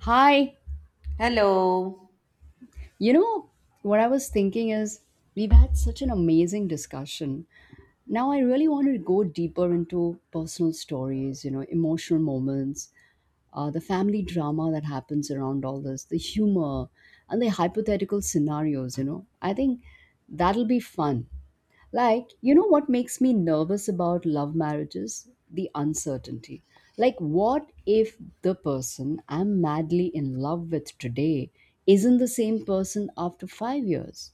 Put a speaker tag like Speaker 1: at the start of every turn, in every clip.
Speaker 1: Hi.
Speaker 2: Hello.
Speaker 1: You know, what I was thinking is we've had such an amazing discussion. Now I really want to go deeper into personal stories, you know, emotional moments, the family drama that happens around all this, the humor, and the hypothetical scenarios. I think that'll be fun. Like, you know what makes me nervous about love marriages? The uncertainty. Like, what if the person I'm madly in love with today isn't the same person after five years?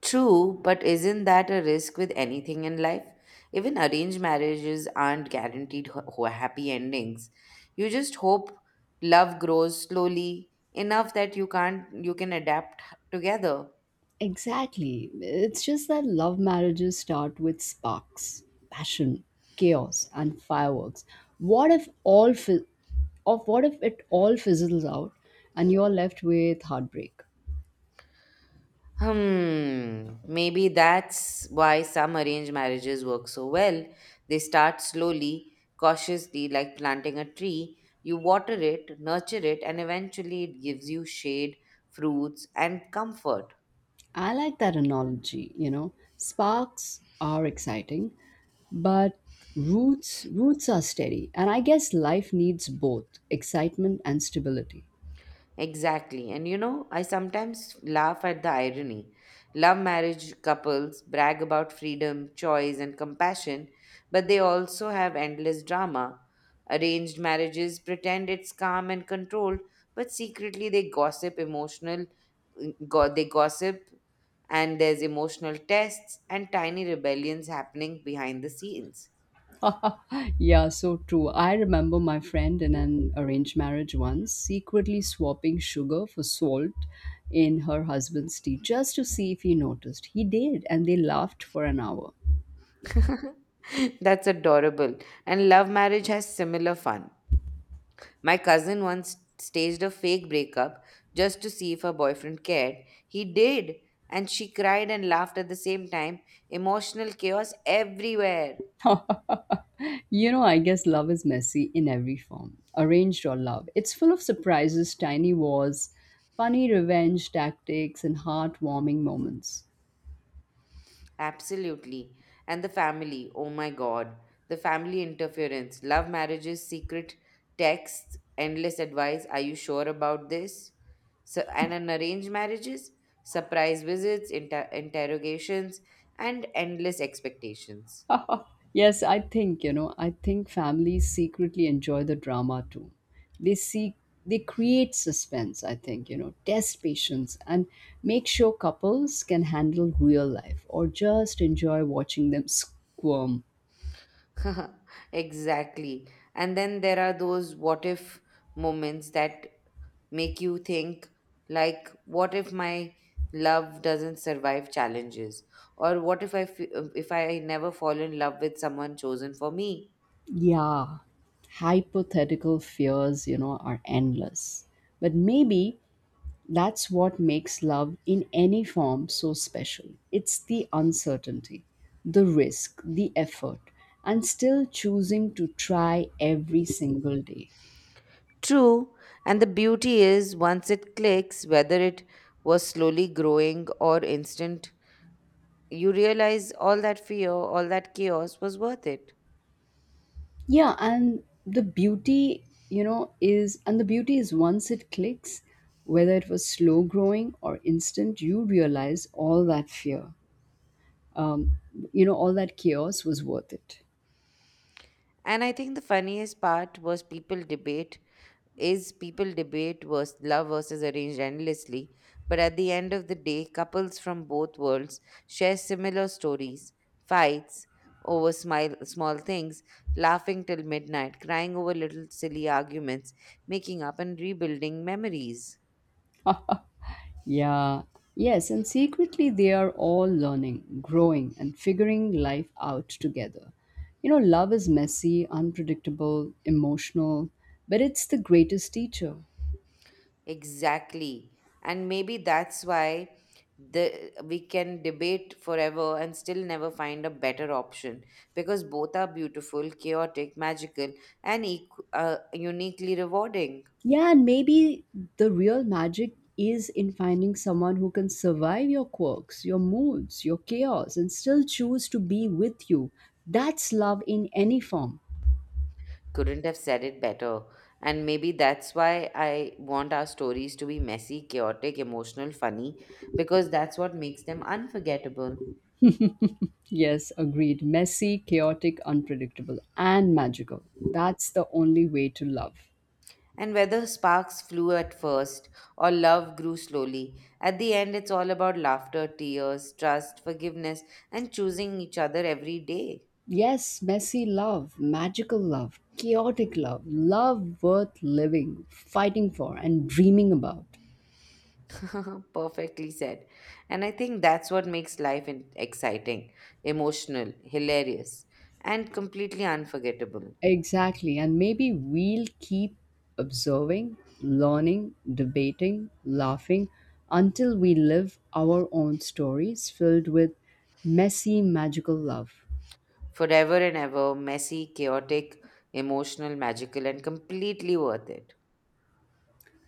Speaker 2: True, but isn't that a risk with anything in life? Even arranged marriages aren't guaranteed happy endings. You just hope love grows slowly enough that you can't you can adapt together.
Speaker 1: Exactly. It's just that love marriages start with sparks, passion, chaos, and fireworks. What if all fi- what if it all fizzles out and you're left with heartbreak?
Speaker 2: Hmm, maybe that's why some arranged marriages work so well. They start slowly, cautiously, like planting a tree. You water it, nurture it, and eventually it gives you shade, fruits, and comfort.
Speaker 1: I like that analogy. Sparks are exciting, but roots are steady. And I guess life needs both excitement and stability.
Speaker 2: Exactly. And you know, I sometimes laugh at the irony. Love marriage couples brag about freedom, choice, and compassion, but they also have endless drama. Arranged marriages pretend it's calm and controlled, but secretly they gossip emotional, they gossip, and there's emotional tests and tiny rebellions happening behind the scenes.
Speaker 1: Yeah, so true. I remember my friend in an arranged marriage once secretly swapping sugar for salt in her husband's tea just to see if he noticed. He did, and they laughed for an hour.
Speaker 2: That's adorable. And love marriage has similar fun. My cousin once staged a fake breakup just to see if her boyfriend cared. He did, and she cried and laughed at the same time. Emotional chaos everywhere.
Speaker 1: You know, I guess love is messy in every form, arranged or love. It's full of surprises, tiny wars, funny revenge tactics, and heartwarming moments.
Speaker 2: Absolutely. And the family, oh my god. The family interference, love marriages, secret texts, endless advice. Are you sure about this? So, and an arranged marriages, surprise visits, interrogations, and endless expectations.
Speaker 1: Yes, I think, you know, I think families secretly enjoy the drama too. They seek they create suspense, I think, you know, test patience and make sure couples can handle real life or just enjoy watching them squirm.
Speaker 2: Exactly. And then there are those what if moments that make you think, like, what if my love doesn't survive challenges? Or what if I fe- if I never fall in love with someone chosen for me?
Speaker 1: Yeah. Hypothetical fears, you know, are endless. But maybe that's what makes love in any form so special. It's the uncertainty, the risk, the effort, and still choosing to try every single day.
Speaker 2: True. And the beauty is once it clicks, whether it was slowly growing or instant, you realize all that fear, all that chaos was worth it.
Speaker 1: Yeah, and the beauty, you know, is and the beauty is once it clicks, whether it was slow growing or instant, you realize all that fear, um, all that chaos was worth it.
Speaker 2: And I think the funniest part was people debate is people debate vers love versus arranged endlessly, but at the end of the day, couples from both worlds share similar stories, fights over small things, laughing till midnight, crying over little silly arguments, making up and rebuilding memories.
Speaker 1: Yeah, yes, and secretly they are all learning, growing, and figuring life out together. You know, love is messy, unpredictable, emotional, but it's the greatest teacher.
Speaker 2: Exactly. And maybe that's why the we can debate forever and still never find a better option because both are beautiful, chaotic, magical, and uniquely rewarding.
Speaker 1: Yeah, and maybe the real magic is in finding someone who can survive your quirks, your moods, your chaos, and still choose to be with you. That's love in any form.
Speaker 2: Couldn't have said it better. And maybe that's why I want our stories to be messy, chaotic, emotional, funny because that's what makes them unforgettable.
Speaker 1: Yes, agreed. Messy, chaotic, unpredictable, and magical. That's the only way to love.
Speaker 2: And whether sparks flew at first or love grew slowly, at the end it's all about laughter, tears, trust, forgiveness, and choosing each other every day.
Speaker 1: Yes, messy love, magical love, chaotic love, love worth living, fighting for, and dreaming about.
Speaker 2: Perfectly said. And I think that's what makes exciting, emotional, hilarious, and completely unforgettable.
Speaker 1: Exactly, and maybe we'll keep observing, learning, debating, laughing until we live our own stories filled with messy, magical love.
Speaker 2: Forever and ever, messy, chaotic, emotional, magical, and completely worth it.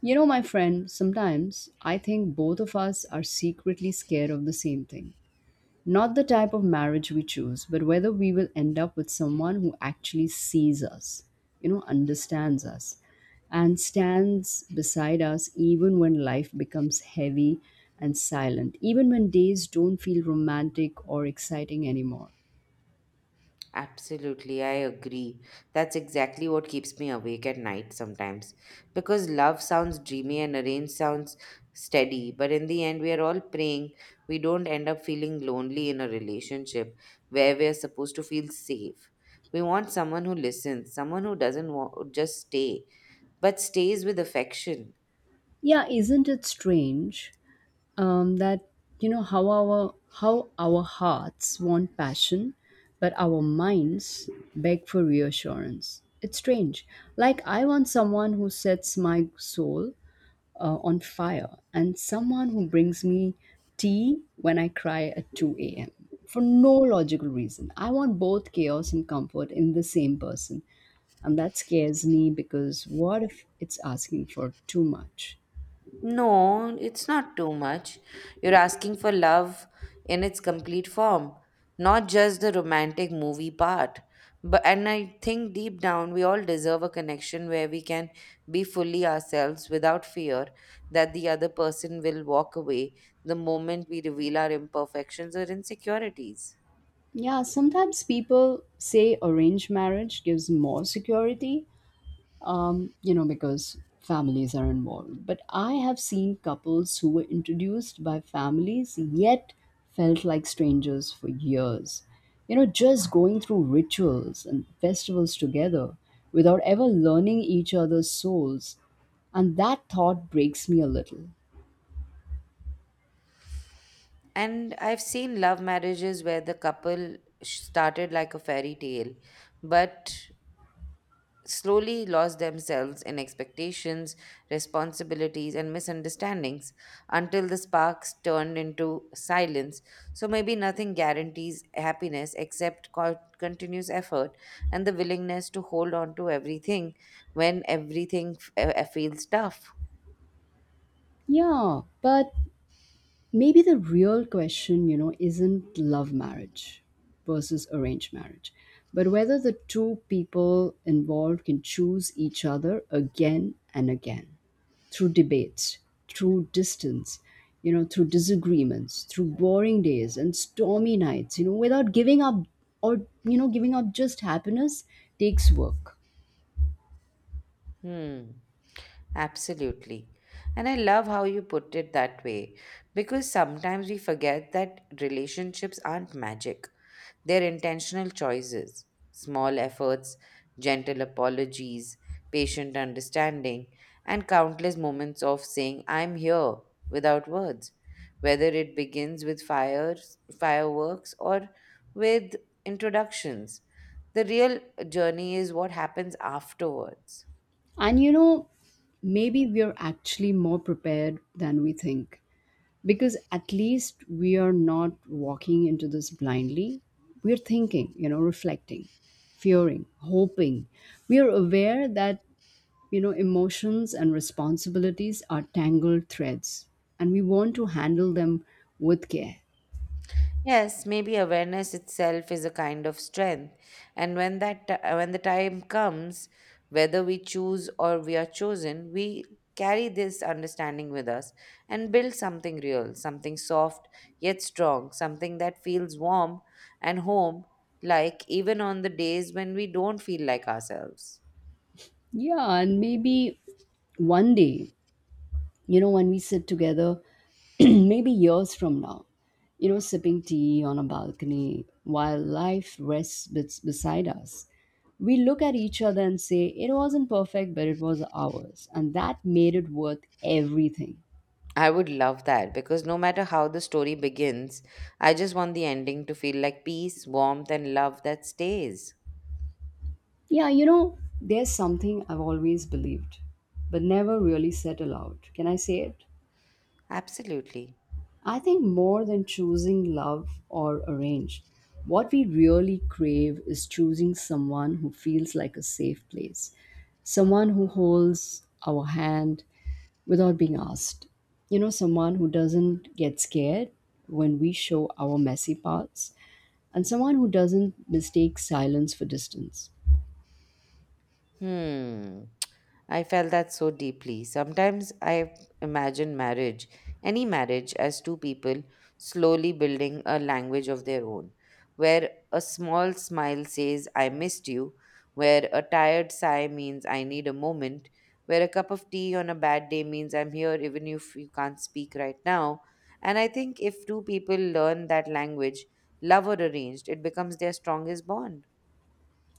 Speaker 1: You know, my friend, sometimes I think both of us are secretly scared of the same thing. Not the type of marriage we choose, but whether we will end up with someone who actually sees us, you know, understands us, and stands beside us even when life becomes heavy and silent, even when days don't feel romantic or exciting anymore.
Speaker 2: Absolutely, I agree. That's exactly what keeps me awake at night sometimes. Because love sounds dreamy and arrange sounds steady, but in the end, we are all praying we don't end up feeling lonely in a relationship where we are supposed to feel safe. We want someone who listens, someone who doesn't just stay, but stays with affection.
Speaker 1: Yeah, isn't it strange, that how our hearts want passion but our minds beg for reassurance? It's strange. Like I want someone who sets my soul on fire, and someone who brings me tea when I cry at 2 a.m. for no logical reason. I want both chaos and comfort in the same person, and that scares me because what if it's asking for too much?
Speaker 2: No, it's not too much. You're asking for love in its complete form, not just the romantic movie part. But and I think deep down we all deserve a connection where we can be fully ourselves without fear that the other person will walk away the moment we reveal our imperfections or insecurities.
Speaker 1: Yeah, sometimes people say arranged marriage gives more security, because families are involved. But I have seen couples who were introduced by families yet felt like strangers for years. You know, just going through rituals and festivals together without ever learning each other's souls. And that thought breaks me a little.
Speaker 2: And I've seen love marriages where the couple started like a fairy tale, but slowly lost themselves in expectations, responsibilities, and misunderstandings until the sparks turned into silence. So maybe nothing guarantees happiness except continuous effort and the willingness to hold on to everything when everything feels tough.
Speaker 1: Yeah, but maybe the real question, you know, isn't love marriage versus arranged marriage, but whether the two people involved can choose each other again and again through debates, through distance, you know, through disagreements, through boring days and stormy nights, you know, without giving up or, you know, giving up just happiness takes work.
Speaker 2: Hmm. Absolutely. And I love how you put it that way because sometimes we forget that relationships aren't magic. Their intentional choices, small efforts, gentle apologies, patient understanding, and countless moments of saying, I'm here without words, whether it begins with fireworks, or with introductions. The real journey is what happens afterwards.
Speaker 1: And, you know, maybe we're actually more prepared than we think because at least we are not walking into this blindly. We're thinking, you know, reflecting, fearing, hoping. We are aware that, you know, emotions and responsibilities are tangled threads, and we want to handle them with care.
Speaker 2: Yes, maybe awareness itself is a kind of strength. And when when the time comes, whether we choose or we are chosen, we carry this understanding with us and build something real, something soft yet strong, something that feels warm and home like even on the days when we don't feel like ourselves.
Speaker 1: Yeah, and maybe one day, you know, when we sit together maybe years from now, you know, sipping tea on a balcony while life rests beside us, we look at each other and say it wasn't perfect but it was ours, and that made it worth everything.
Speaker 2: I would love that because no matter how the story begins, I just want the ending to feel like peace, warmth and love that stays.
Speaker 1: Yeah, you know, there's something I've always believed but never really said aloud. Can I say it?
Speaker 2: Absolutely.
Speaker 1: I think more than choosing love or arrange, what we really crave is choosing someone who feels like a safe place, someone who holds our hand without being asked. You know, someone who doesn't get scared when we show our messy parts, and someone who doesn't mistake silence for distance.
Speaker 2: Hmm. I felt that so deeply. Sometimes I imagine marriage, any marriage, as two people slowly building a language of their own, where a small smile says, I missed you, where a tired sigh means, I need a moment, where a cup of tea on a bad day means, I'm here even if you can't speak right now. And I think if two people learn that language, love or arranged, it becomes their strongest bond.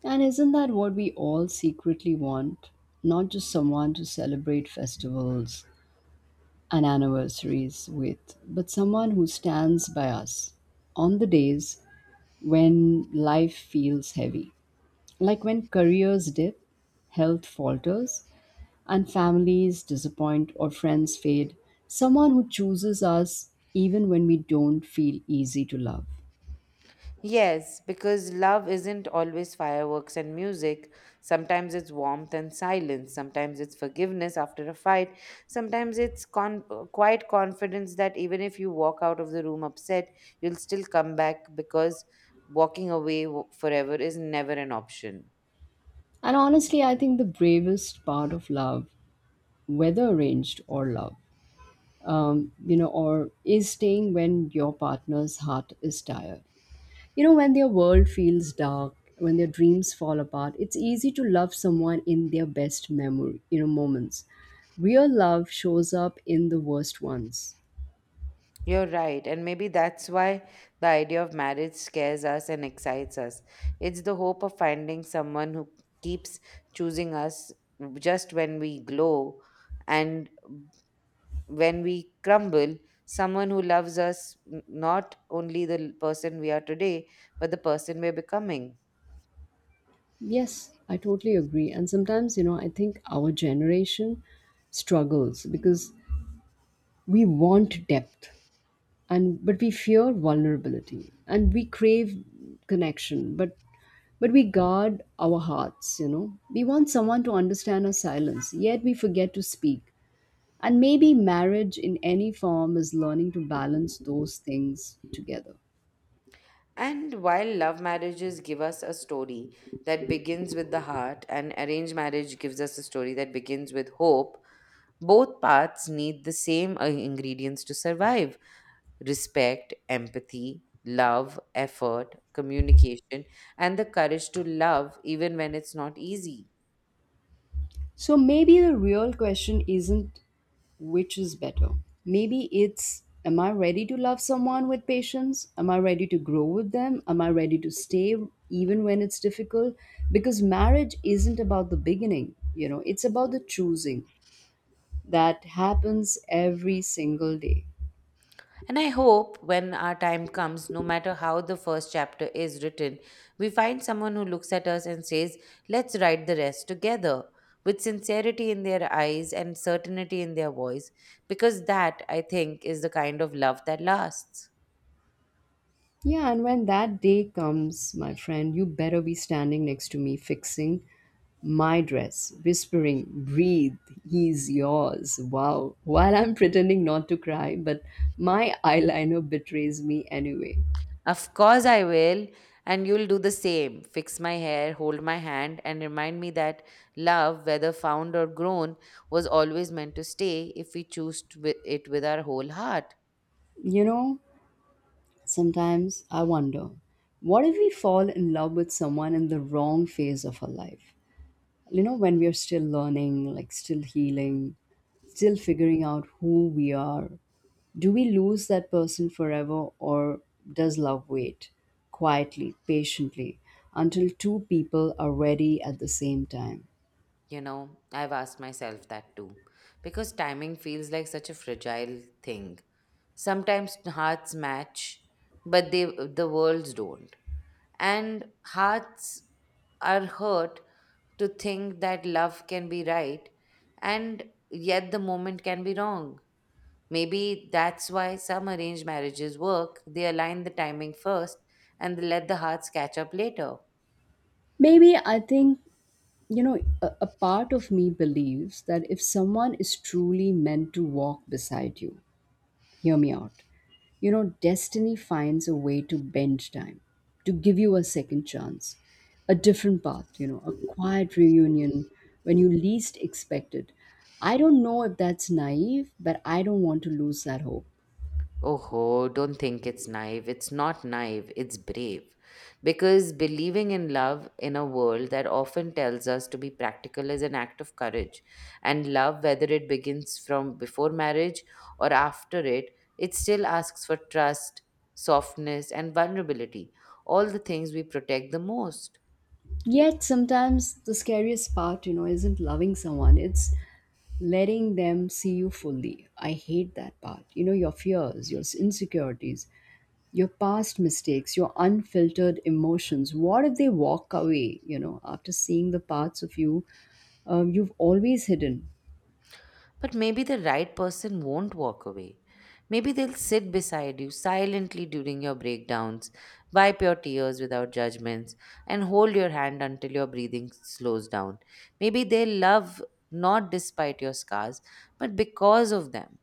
Speaker 1: And isn't that what we all secretly want? Not just someone to celebrate festivals and anniversaries with, but someone who stands by us on the days when life feels heavy. Like when careers dip, health falters, and families disappoint or friends fade. Someone who chooses us even when we don't feel easy to love.
Speaker 2: Yes, because love isn't always fireworks and music. Sometimes it's warmth and silence. Sometimes it's forgiveness after a fight. Sometimes it's quiet confidence that even if you walk out of the room upset, you'll still come back because walking away forever is never an option.
Speaker 1: And honestly, I think the bravest part of love, whether arranged or love, you know, or is staying when your partner's heart is tired. You know, when their world feels dark, when their dreams fall apart, it's easy to love someone in their best memory, moments. Real love shows up in the worst ones.
Speaker 2: You're right, and maybe that's why the idea of marriage scares us and excites us. It's the hope of finding someone who keeps choosing us just when we glow and when we crumble, someone who loves us not only the person we are today, but the person we're becoming.
Speaker 1: Yes, I totally agree. And sometimes, you know, I think our generation struggles because we want depth and but we fear vulnerability, and we crave connection, but we guard our hearts, you know. We want someone to understand our silence, yet we forget to speak. And maybe marriage in any form is learning to balance those things together.
Speaker 2: And while love marriages give us a story that begins with the heart, and arranged marriage gives us a story that begins with hope. Both paths need the same ingredients to survive: respect, empathy, love, effort, communication, and the courage to love even when it's not easy.
Speaker 1: So maybe the real question isn't which is better. Maybe it's am I ready to love someone with patience? Am I ready to grow with them? Am I ready to stay even when it's difficult? Because marriage isn't about the beginning, you know, it's about the choosing that happens every single day.
Speaker 2: And I hope when our time comes, no matter how the first chapter is written, we find someone who looks at us and says, "Let's write the rest together," with sincerity in their eyes and certainty in their voice, because that, I think, is the kind of love that lasts.
Speaker 1: Yeah, and when that day comes, my friend, you better be standing next to me fixing my dress, whispering, breathe, he's yours. Wow. While I'm pretending not to cry, but my eyeliner betrays me anyway.
Speaker 2: Of course, I will. And you'll do the same. Fix my hair, hold my hand, and remind me that love, whether found or grown, was always meant to stay if we choose to it with our whole heart.
Speaker 1: You know, sometimes I wonder, what if we fall in love with someone in the wrong phase of our life? You know, when we are still learning, like still healing, still figuring out who we are, do we lose that person forever, or does love wait quietly, patiently, until two people are ready at the same time?
Speaker 2: You know, I've asked myself that too. Because timing feels like such a fragile thing. Sometimes hearts match, but the worlds don't. And hearts are hurt to think that love can be right and yet the moment can be wrong. Maybe that's why some arranged marriages work. They align the timing first and they let the hearts catch up later.
Speaker 1: Maybe, I think, you know, a part of me believes that if someone is truly meant to walk beside you, hear me out. You know, destiny finds a way to bend time, to give you a second chance, a different path, you know, a quiet reunion when you least expect it. I don't know if that's naive, but I don't want to lose that hope.
Speaker 2: Oh, don't think it's naive. It's not naive, it's brave. Because believing in love in a world that often tells us to be practical is an act of courage. And love, whether it begins from before marriage or after it, it still asks for trust, softness, and vulnerability, all the things we protect the most.
Speaker 1: Yet sometimes the scariest part, you know, isn't loving someone, it's letting them see you fully. I hate that part. You know, your fears, your insecurities, your past mistakes, your unfiltered emotions. What if they walk away, you know, after seeing the parts of you you've always hidden?
Speaker 2: But maybe the right person won't walk away. Maybe they'll sit beside you silently during your breakdowns, wipe your tears without judgments, and hold your hand until your breathing slows down. Maybe they love not despite your scars, but because of them.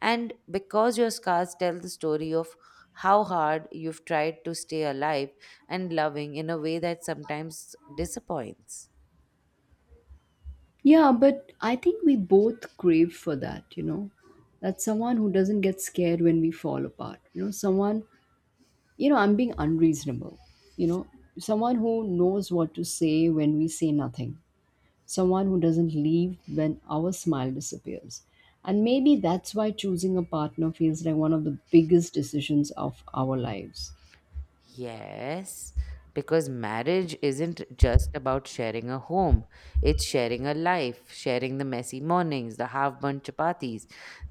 Speaker 2: And because your scars tell the story of how hard you've tried to stay alive and loving in a way that sometimes disappoints.
Speaker 1: Yeah, but I think we both crave for that, you know, that someone who doesn't get scared when we fall apart, you know, someone, you know, I'm being unreasonable, you know, someone who knows what to say when we say nothing, someone who doesn't leave when our smile disappears. And maybe that's why choosing a partner feels like one of the biggest decisions of our lives.
Speaker 2: Yes, because marriage isn't just about sharing a home. It's sharing a life, sharing the messy mornings, the half-burnt chapatis,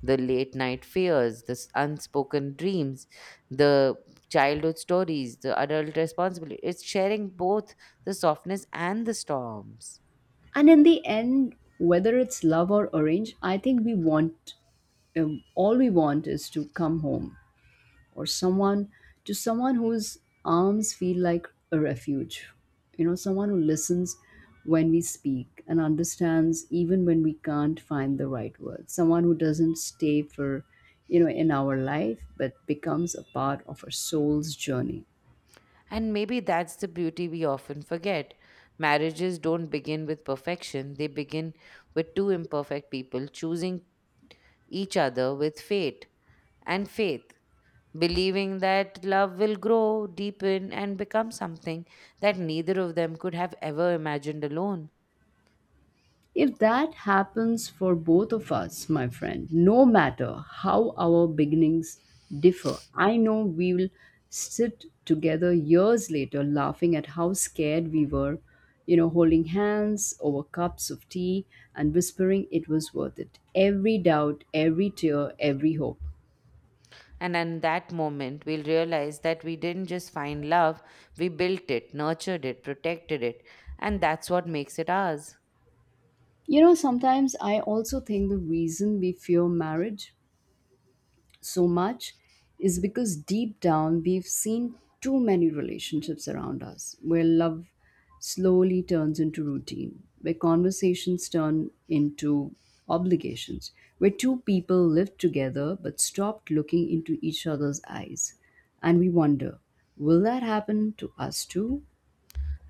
Speaker 2: the late-night fears, the unspoken dreams, the childhood stories, the adult responsibility. It's sharing both the softness and the storms.
Speaker 1: And in the end, whether it's love or arrange, I think we want all we want is to come home or someone to someone whose arms feel like a refuge. You know, someone who listens when we speak and understands even when we can't find the right words. Someone who doesn't stay for, you know, in our life but becomes a part of our soul's journey.
Speaker 2: And maybe that's the beauty we often forget. Marriages don't begin with perfection, they begin with two imperfect people choosing each other with fate and faith, believing that love will grow, deepen, and become something that neither of them could have ever imagined alone.
Speaker 1: If that happens for both of us, my friend, no matter how our beginnings differ, I know we'll sit together years later laughing at how scared we were, you know, holding hands over cups of tea and whispering it was worth it. Every doubt, every tear, every hope.
Speaker 2: And in that moment, we'll realize that we didn't just find love, we built it, nurtured it, protected it, and that's what makes it ours.
Speaker 1: You know, sometimes I also think the reason we fear marriage so much is because deep down we've seen too many relationships around us where love slowly turns into routine, where conversations turn into obligations, where two people lived together but stopped looking into each other's eyes. And we wonder, will that happen to us too?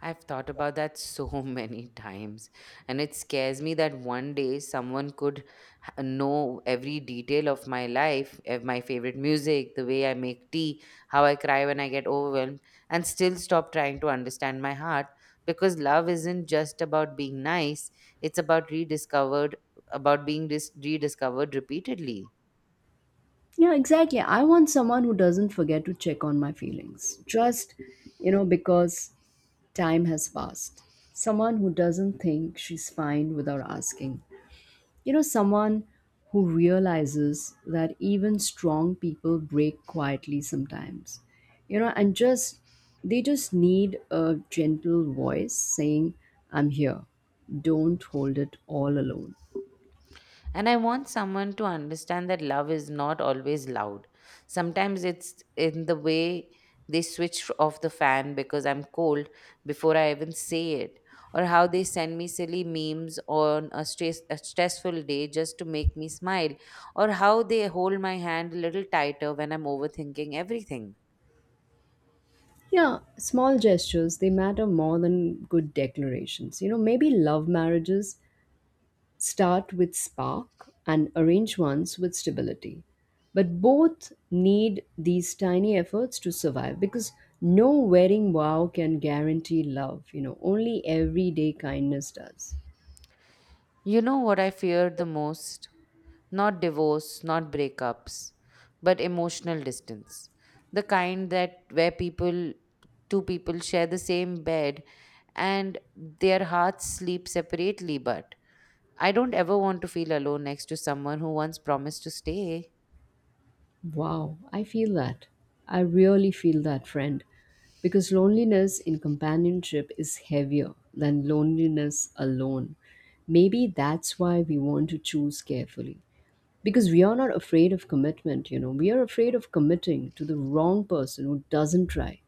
Speaker 2: I've thought about that so many times, and it scares me that one day someone could know every detail of my life, of my favorite music, the way I make tea, how I cry when I get overwhelmed, and still stop trying to understand my heart because love isn't just about being nice, it's about rediscovered about rediscovered repeatedly.
Speaker 1: Yeah, exactly. I want someone who doesn't forget to check on my feelings just, you know, because time has passed. Someone who doesn't think she's fine without asking. You know, someone who realizes that even strong people break quietly sometimes. You know, and just they just need a gentle voice saying, I'm here. Don't hold it all alone.
Speaker 2: And I want someone to understand that love is not always loud. Sometimes it's in the way they switch off the fan because I'm cold before I even say it, or how they send me silly memes on a stressful day just to make me smile, or how they hold my hand a little tighter when I'm overthinking everything.
Speaker 1: Yeah, small gestures, they matter more than good declarations. You know, maybe love marriages start with spark and arranged ones with stability. But both need these tiny efforts to survive because no wedding vow can guarantee love. You know, only everyday kindness does.
Speaker 2: You know what I feared the most? Not divorce, not breakups, but emotional distance. The kind that where two people share the same bed and their hearts sleep separately, but I don't ever want to feel alone next to someone who once promised to stay.
Speaker 1: Wow, I feel that. I really feel that, friend. Because loneliness in companionship is heavier than loneliness alone. Maybe that's why we want to choose carefully. Because we are not afraid of commitment, you know. We are afraid of committing to the wrong person who doesn't try.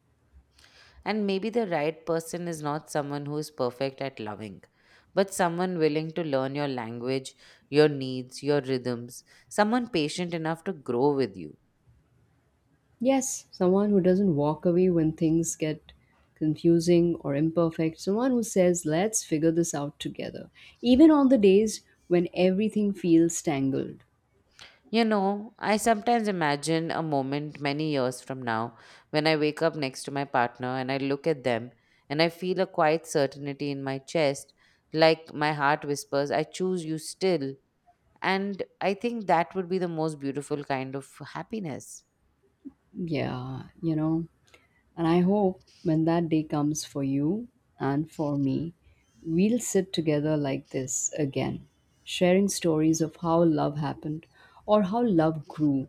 Speaker 2: And maybe the right person is not someone who is perfect at loving, but someone willing to learn your language, your needs, your rhythms, someone patient enough to grow with you.
Speaker 1: Yes, someone who doesn't walk away when things get confusing or imperfect, someone who says, let's figure this out together, even on the days when everything feels tangled.
Speaker 2: You know, I sometimes imagine a moment many years from now when I wake up next to my partner and I look at them and I feel a quiet certainty in my chest, like my heart whispers, I choose you still. And I think that would be the most beautiful kind of happiness.
Speaker 1: Yeah, you know, and I hope when that day comes for you and for me, we'll sit together like this again, sharing stories of how love happened or how love grew.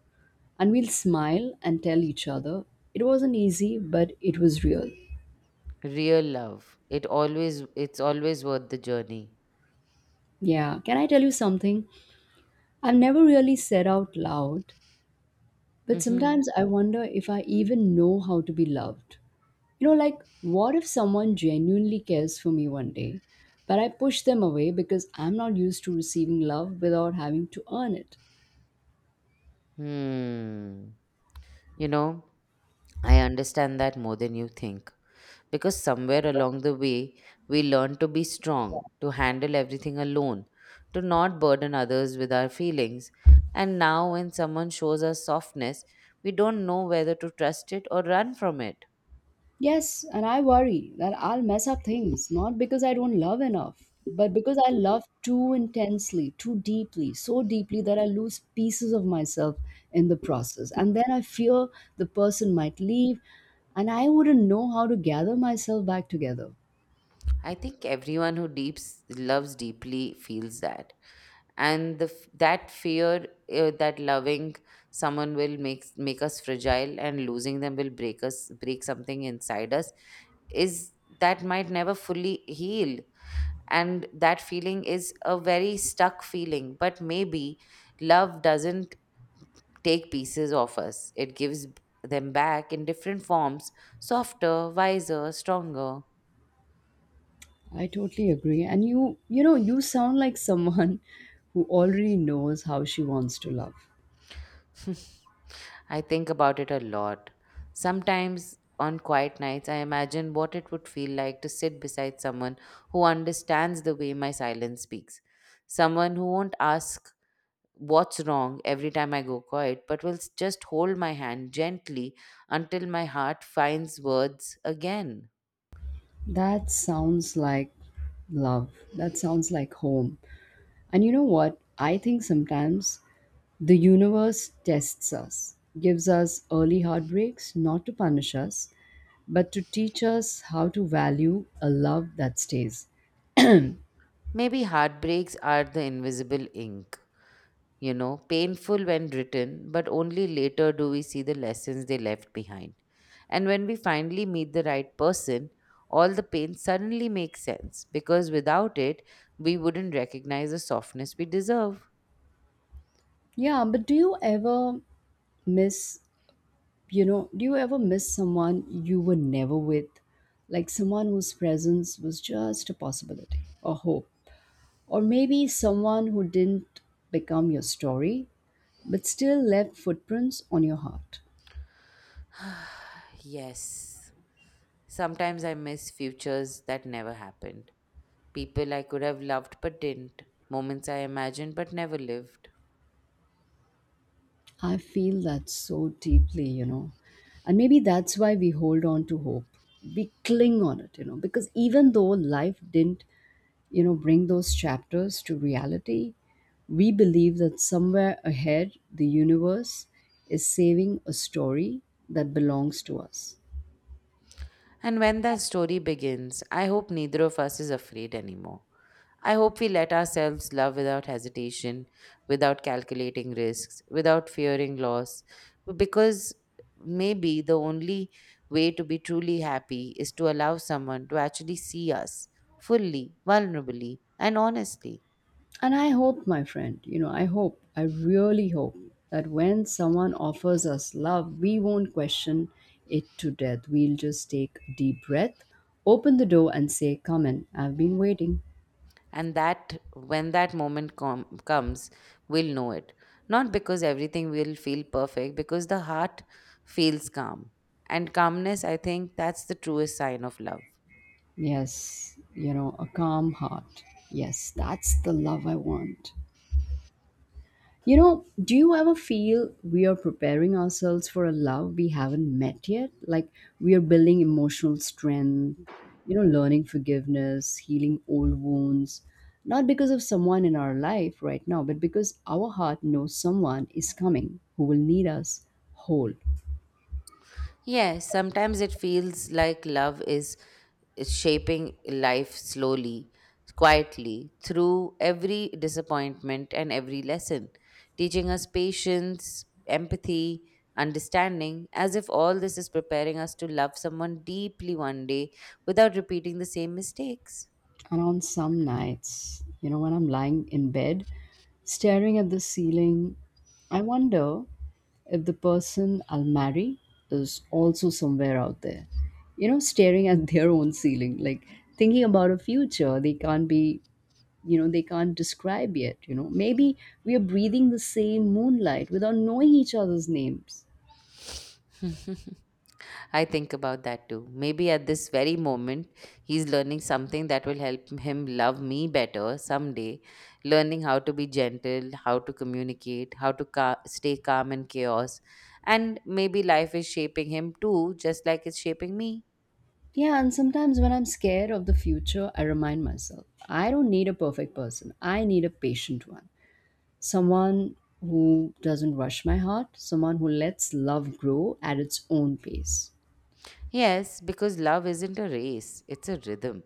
Speaker 1: And we'll smile and tell each other it wasn't easy, but it was real.
Speaker 2: Real love. It's always worth the journey.
Speaker 1: Yeah, can I tell you something? I've never really said out loud, but
Speaker 2: Mm-hmm.
Speaker 1: sometimes I wonder if I even know how to be loved. You know, like, what if someone genuinely cares for me one day, but I push them away because I'm not used to receiving love without having to earn it?
Speaker 2: Hmm. You know, I understand that more than you think, because somewhere along the way we learn to be strong, to handle everything alone, to not burden others with our feelings. And now, when someone shows us softness, we don't know whether to trust it or run from it.
Speaker 1: Yes, and I worry that I'll mess up things, not because I don't love enough, but because I love too intensely, too deeply, so deeply that I lose pieces of myself in the process. And then I fear the person might leave, and I wouldn't know how to gather myself back together.
Speaker 2: I think everyone who deeps loves deeply feels that, and that fear, that loving someone will make us fragile, and losing them will break us, break something inside us, is that might never fully heal. And that feeling is a very stuck feeling, but maybe love doesn't take pieces off us, it gives them back in different forms, softer, wiser, stronger.
Speaker 1: I totally agree. And you you sound like someone who already knows how she wants to love.
Speaker 2: I think about it a lot. Sometimes on quiet nights I imagine what it would feel like to sit beside someone who understands the way my silence speaks, someone who won't ask what's wrong every time I go quiet, but will just hold my hand gently until my heart finds words again.
Speaker 1: That sounds like love. That sounds like home. And you know what? I think sometimes the universe tests us, gives us early heartbreaks, not to punish us, but to teach us how to value a love that stays.
Speaker 2: Maybe heartbreaks are the invisible ink, you know, painful when written, but only later do we see the lessons they left behind. And when we finally meet the right person, all the pain suddenly makes sense because without it, we wouldn't recognize the softness we deserve.
Speaker 1: Yeah, but do you ever miss do you ever miss someone you were never with? Like someone whose presence was just a possibility, a hope. Or maybe someone who didn't become your story, but still left footprints on your heart.
Speaker 2: Yes, sometimes I miss futures that never happened, people I could have loved but didn't, moments I imagined but never lived.
Speaker 1: I feel that so deeply, you know. And maybe that's why we hold on to hope. We cling on it, you know, because even though life didn't, you know, bring those chapters to reality, we believe that somewhere ahead the universe is saving a story that belongs to us.
Speaker 2: And when that story begins, I hope neither of us is afraid anymore. I hope we let ourselves love without hesitation, without calculating risks, without fearing loss, because maybe the only way to be truly happy is to allow someone to actually see us fully, vulnerably, and honestly.
Speaker 1: And I hope, my friend, you know, I hope, I really hope that when someone offers us love, we won't question it to death. We'll just take a deep breath, open the door, and say, come in, I've been waiting.
Speaker 2: And that when that moment comes, we'll know it. Not because everything will feel perfect, because the heart feels calm, and calmness, I think that's the truest sign of love.
Speaker 1: Yes, you know, a calm heart. Yes, that's the love I want. You know, do you ever feel we are preparing ourselves for a love we haven't met yet? Like we are building emotional strength, you know, learning forgiveness, healing old wounds, not because of someone in our life right now, but because our heart knows someone is coming who will need us whole.
Speaker 2: Yes, sometimes it feels like love is shaping life slowly, quietly, through every disappointment and every lesson, teaching us patience, empathy, understanding, as if all this is preparing us to love someone deeply one day without repeating the same mistakes.
Speaker 1: And on some nights, you know, when I'm lying in bed, staring at the ceiling, I wonder if the person I'll marry is also somewhere out there, you know, staring at their own ceiling, like thinking about a future they can't be, you know, they can't describe yet. You know, maybe we are breathing the same moonlight without knowing each other's names.
Speaker 2: I think about that too. Maybe at this very moment, he's learning something that will help him love me better someday. Learning how to be gentle, how to communicate, how to stay calm in chaos. And maybe life is shaping him too, just like it's shaping me.
Speaker 1: Yeah, and sometimes when I'm scared of the future, I remind myself I don't need a perfect person, I need a patient one. Someone who doesn't rush my heart, someone who lets love grow at its own pace.
Speaker 2: Yes, because love isn't a race, it's a rhythm.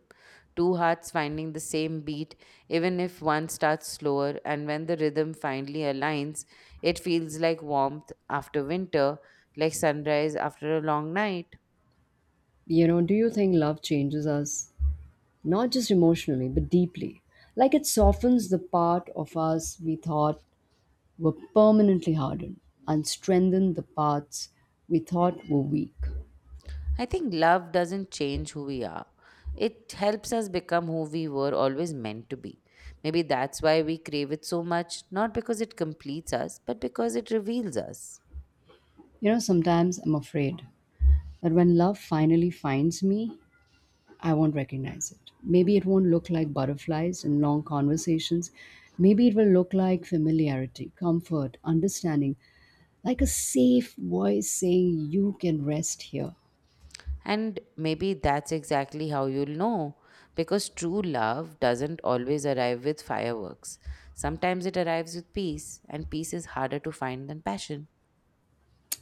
Speaker 2: Two hearts finding the same beat, even if one starts slower, and when the rhythm finally aligns, it feels like warmth after winter, like sunrise after a long night.
Speaker 1: You know, do you think love changes us? Not just emotionally, but deeply. Like it softens the part of us we thought were permanently hardened and strengthened the parts we thought were weak.
Speaker 2: I think love doesn't change who we are. It helps us become who we were always meant to be. Maybe that's why we crave it so much, not because it completes us, but because it reveals us.
Speaker 1: You know, sometimes I'm afraid that when love finally finds me, I won't recognize it. Maybe it won't look like butterflies and long conversations. Maybe it will look like familiarity, comfort, understanding, like a safe voice saying, you can rest here.
Speaker 2: And maybe that's exactly how you'll know. Because true love doesn't always arrive with fireworks. Sometimes it arrives with peace, and peace is harder to find than passion.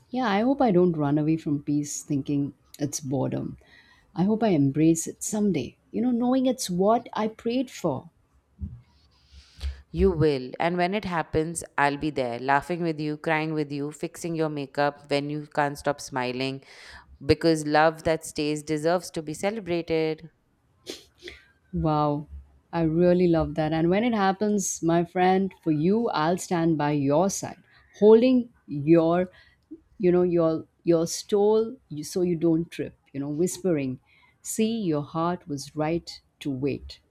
Speaker 1: Yeah, I hope I don't run away from peace thinking it's boredom. I hope I embrace it someday, you know, knowing it's what I prayed for.
Speaker 2: You will, and when it happens, I'll be there, laughing with you, crying with you, fixing your makeup when you can't stop smiling, because love that stays deserves to be celebrated.
Speaker 1: Wow, I really love that. And when it happens, my friend, for you, I'll stand by your side, holding your, you know, your stole so you don't trip, you know, whispering, see, your heart was right to wait.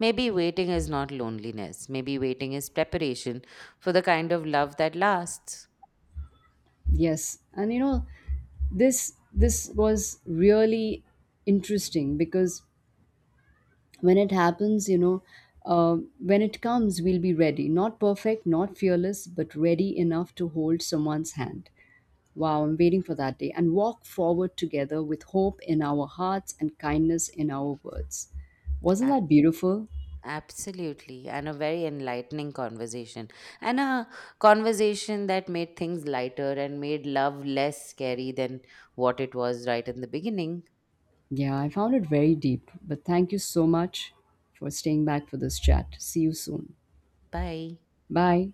Speaker 2: Maybe waiting is not loneliness, maybe waiting is preparation for the kind of love that lasts.
Speaker 1: Yes. And you know, this was really interesting because when it happens, you know, when it comes, we'll be ready, not perfect, not fearless, but ready enough to hold someone's hand. Wow, I'm waiting for that day, and walk forward together with hope in our hearts and kindness in our words. Wasn't that beautiful?
Speaker 2: Absolutely, and a very enlightening conversation, and a conversation that made things lighter and made love less scary than what it was right in the beginning.
Speaker 1: Yeah, I found it very deep, but thank you so much for staying back for this chat. See you soon.
Speaker 2: Bye.
Speaker 1: Bye.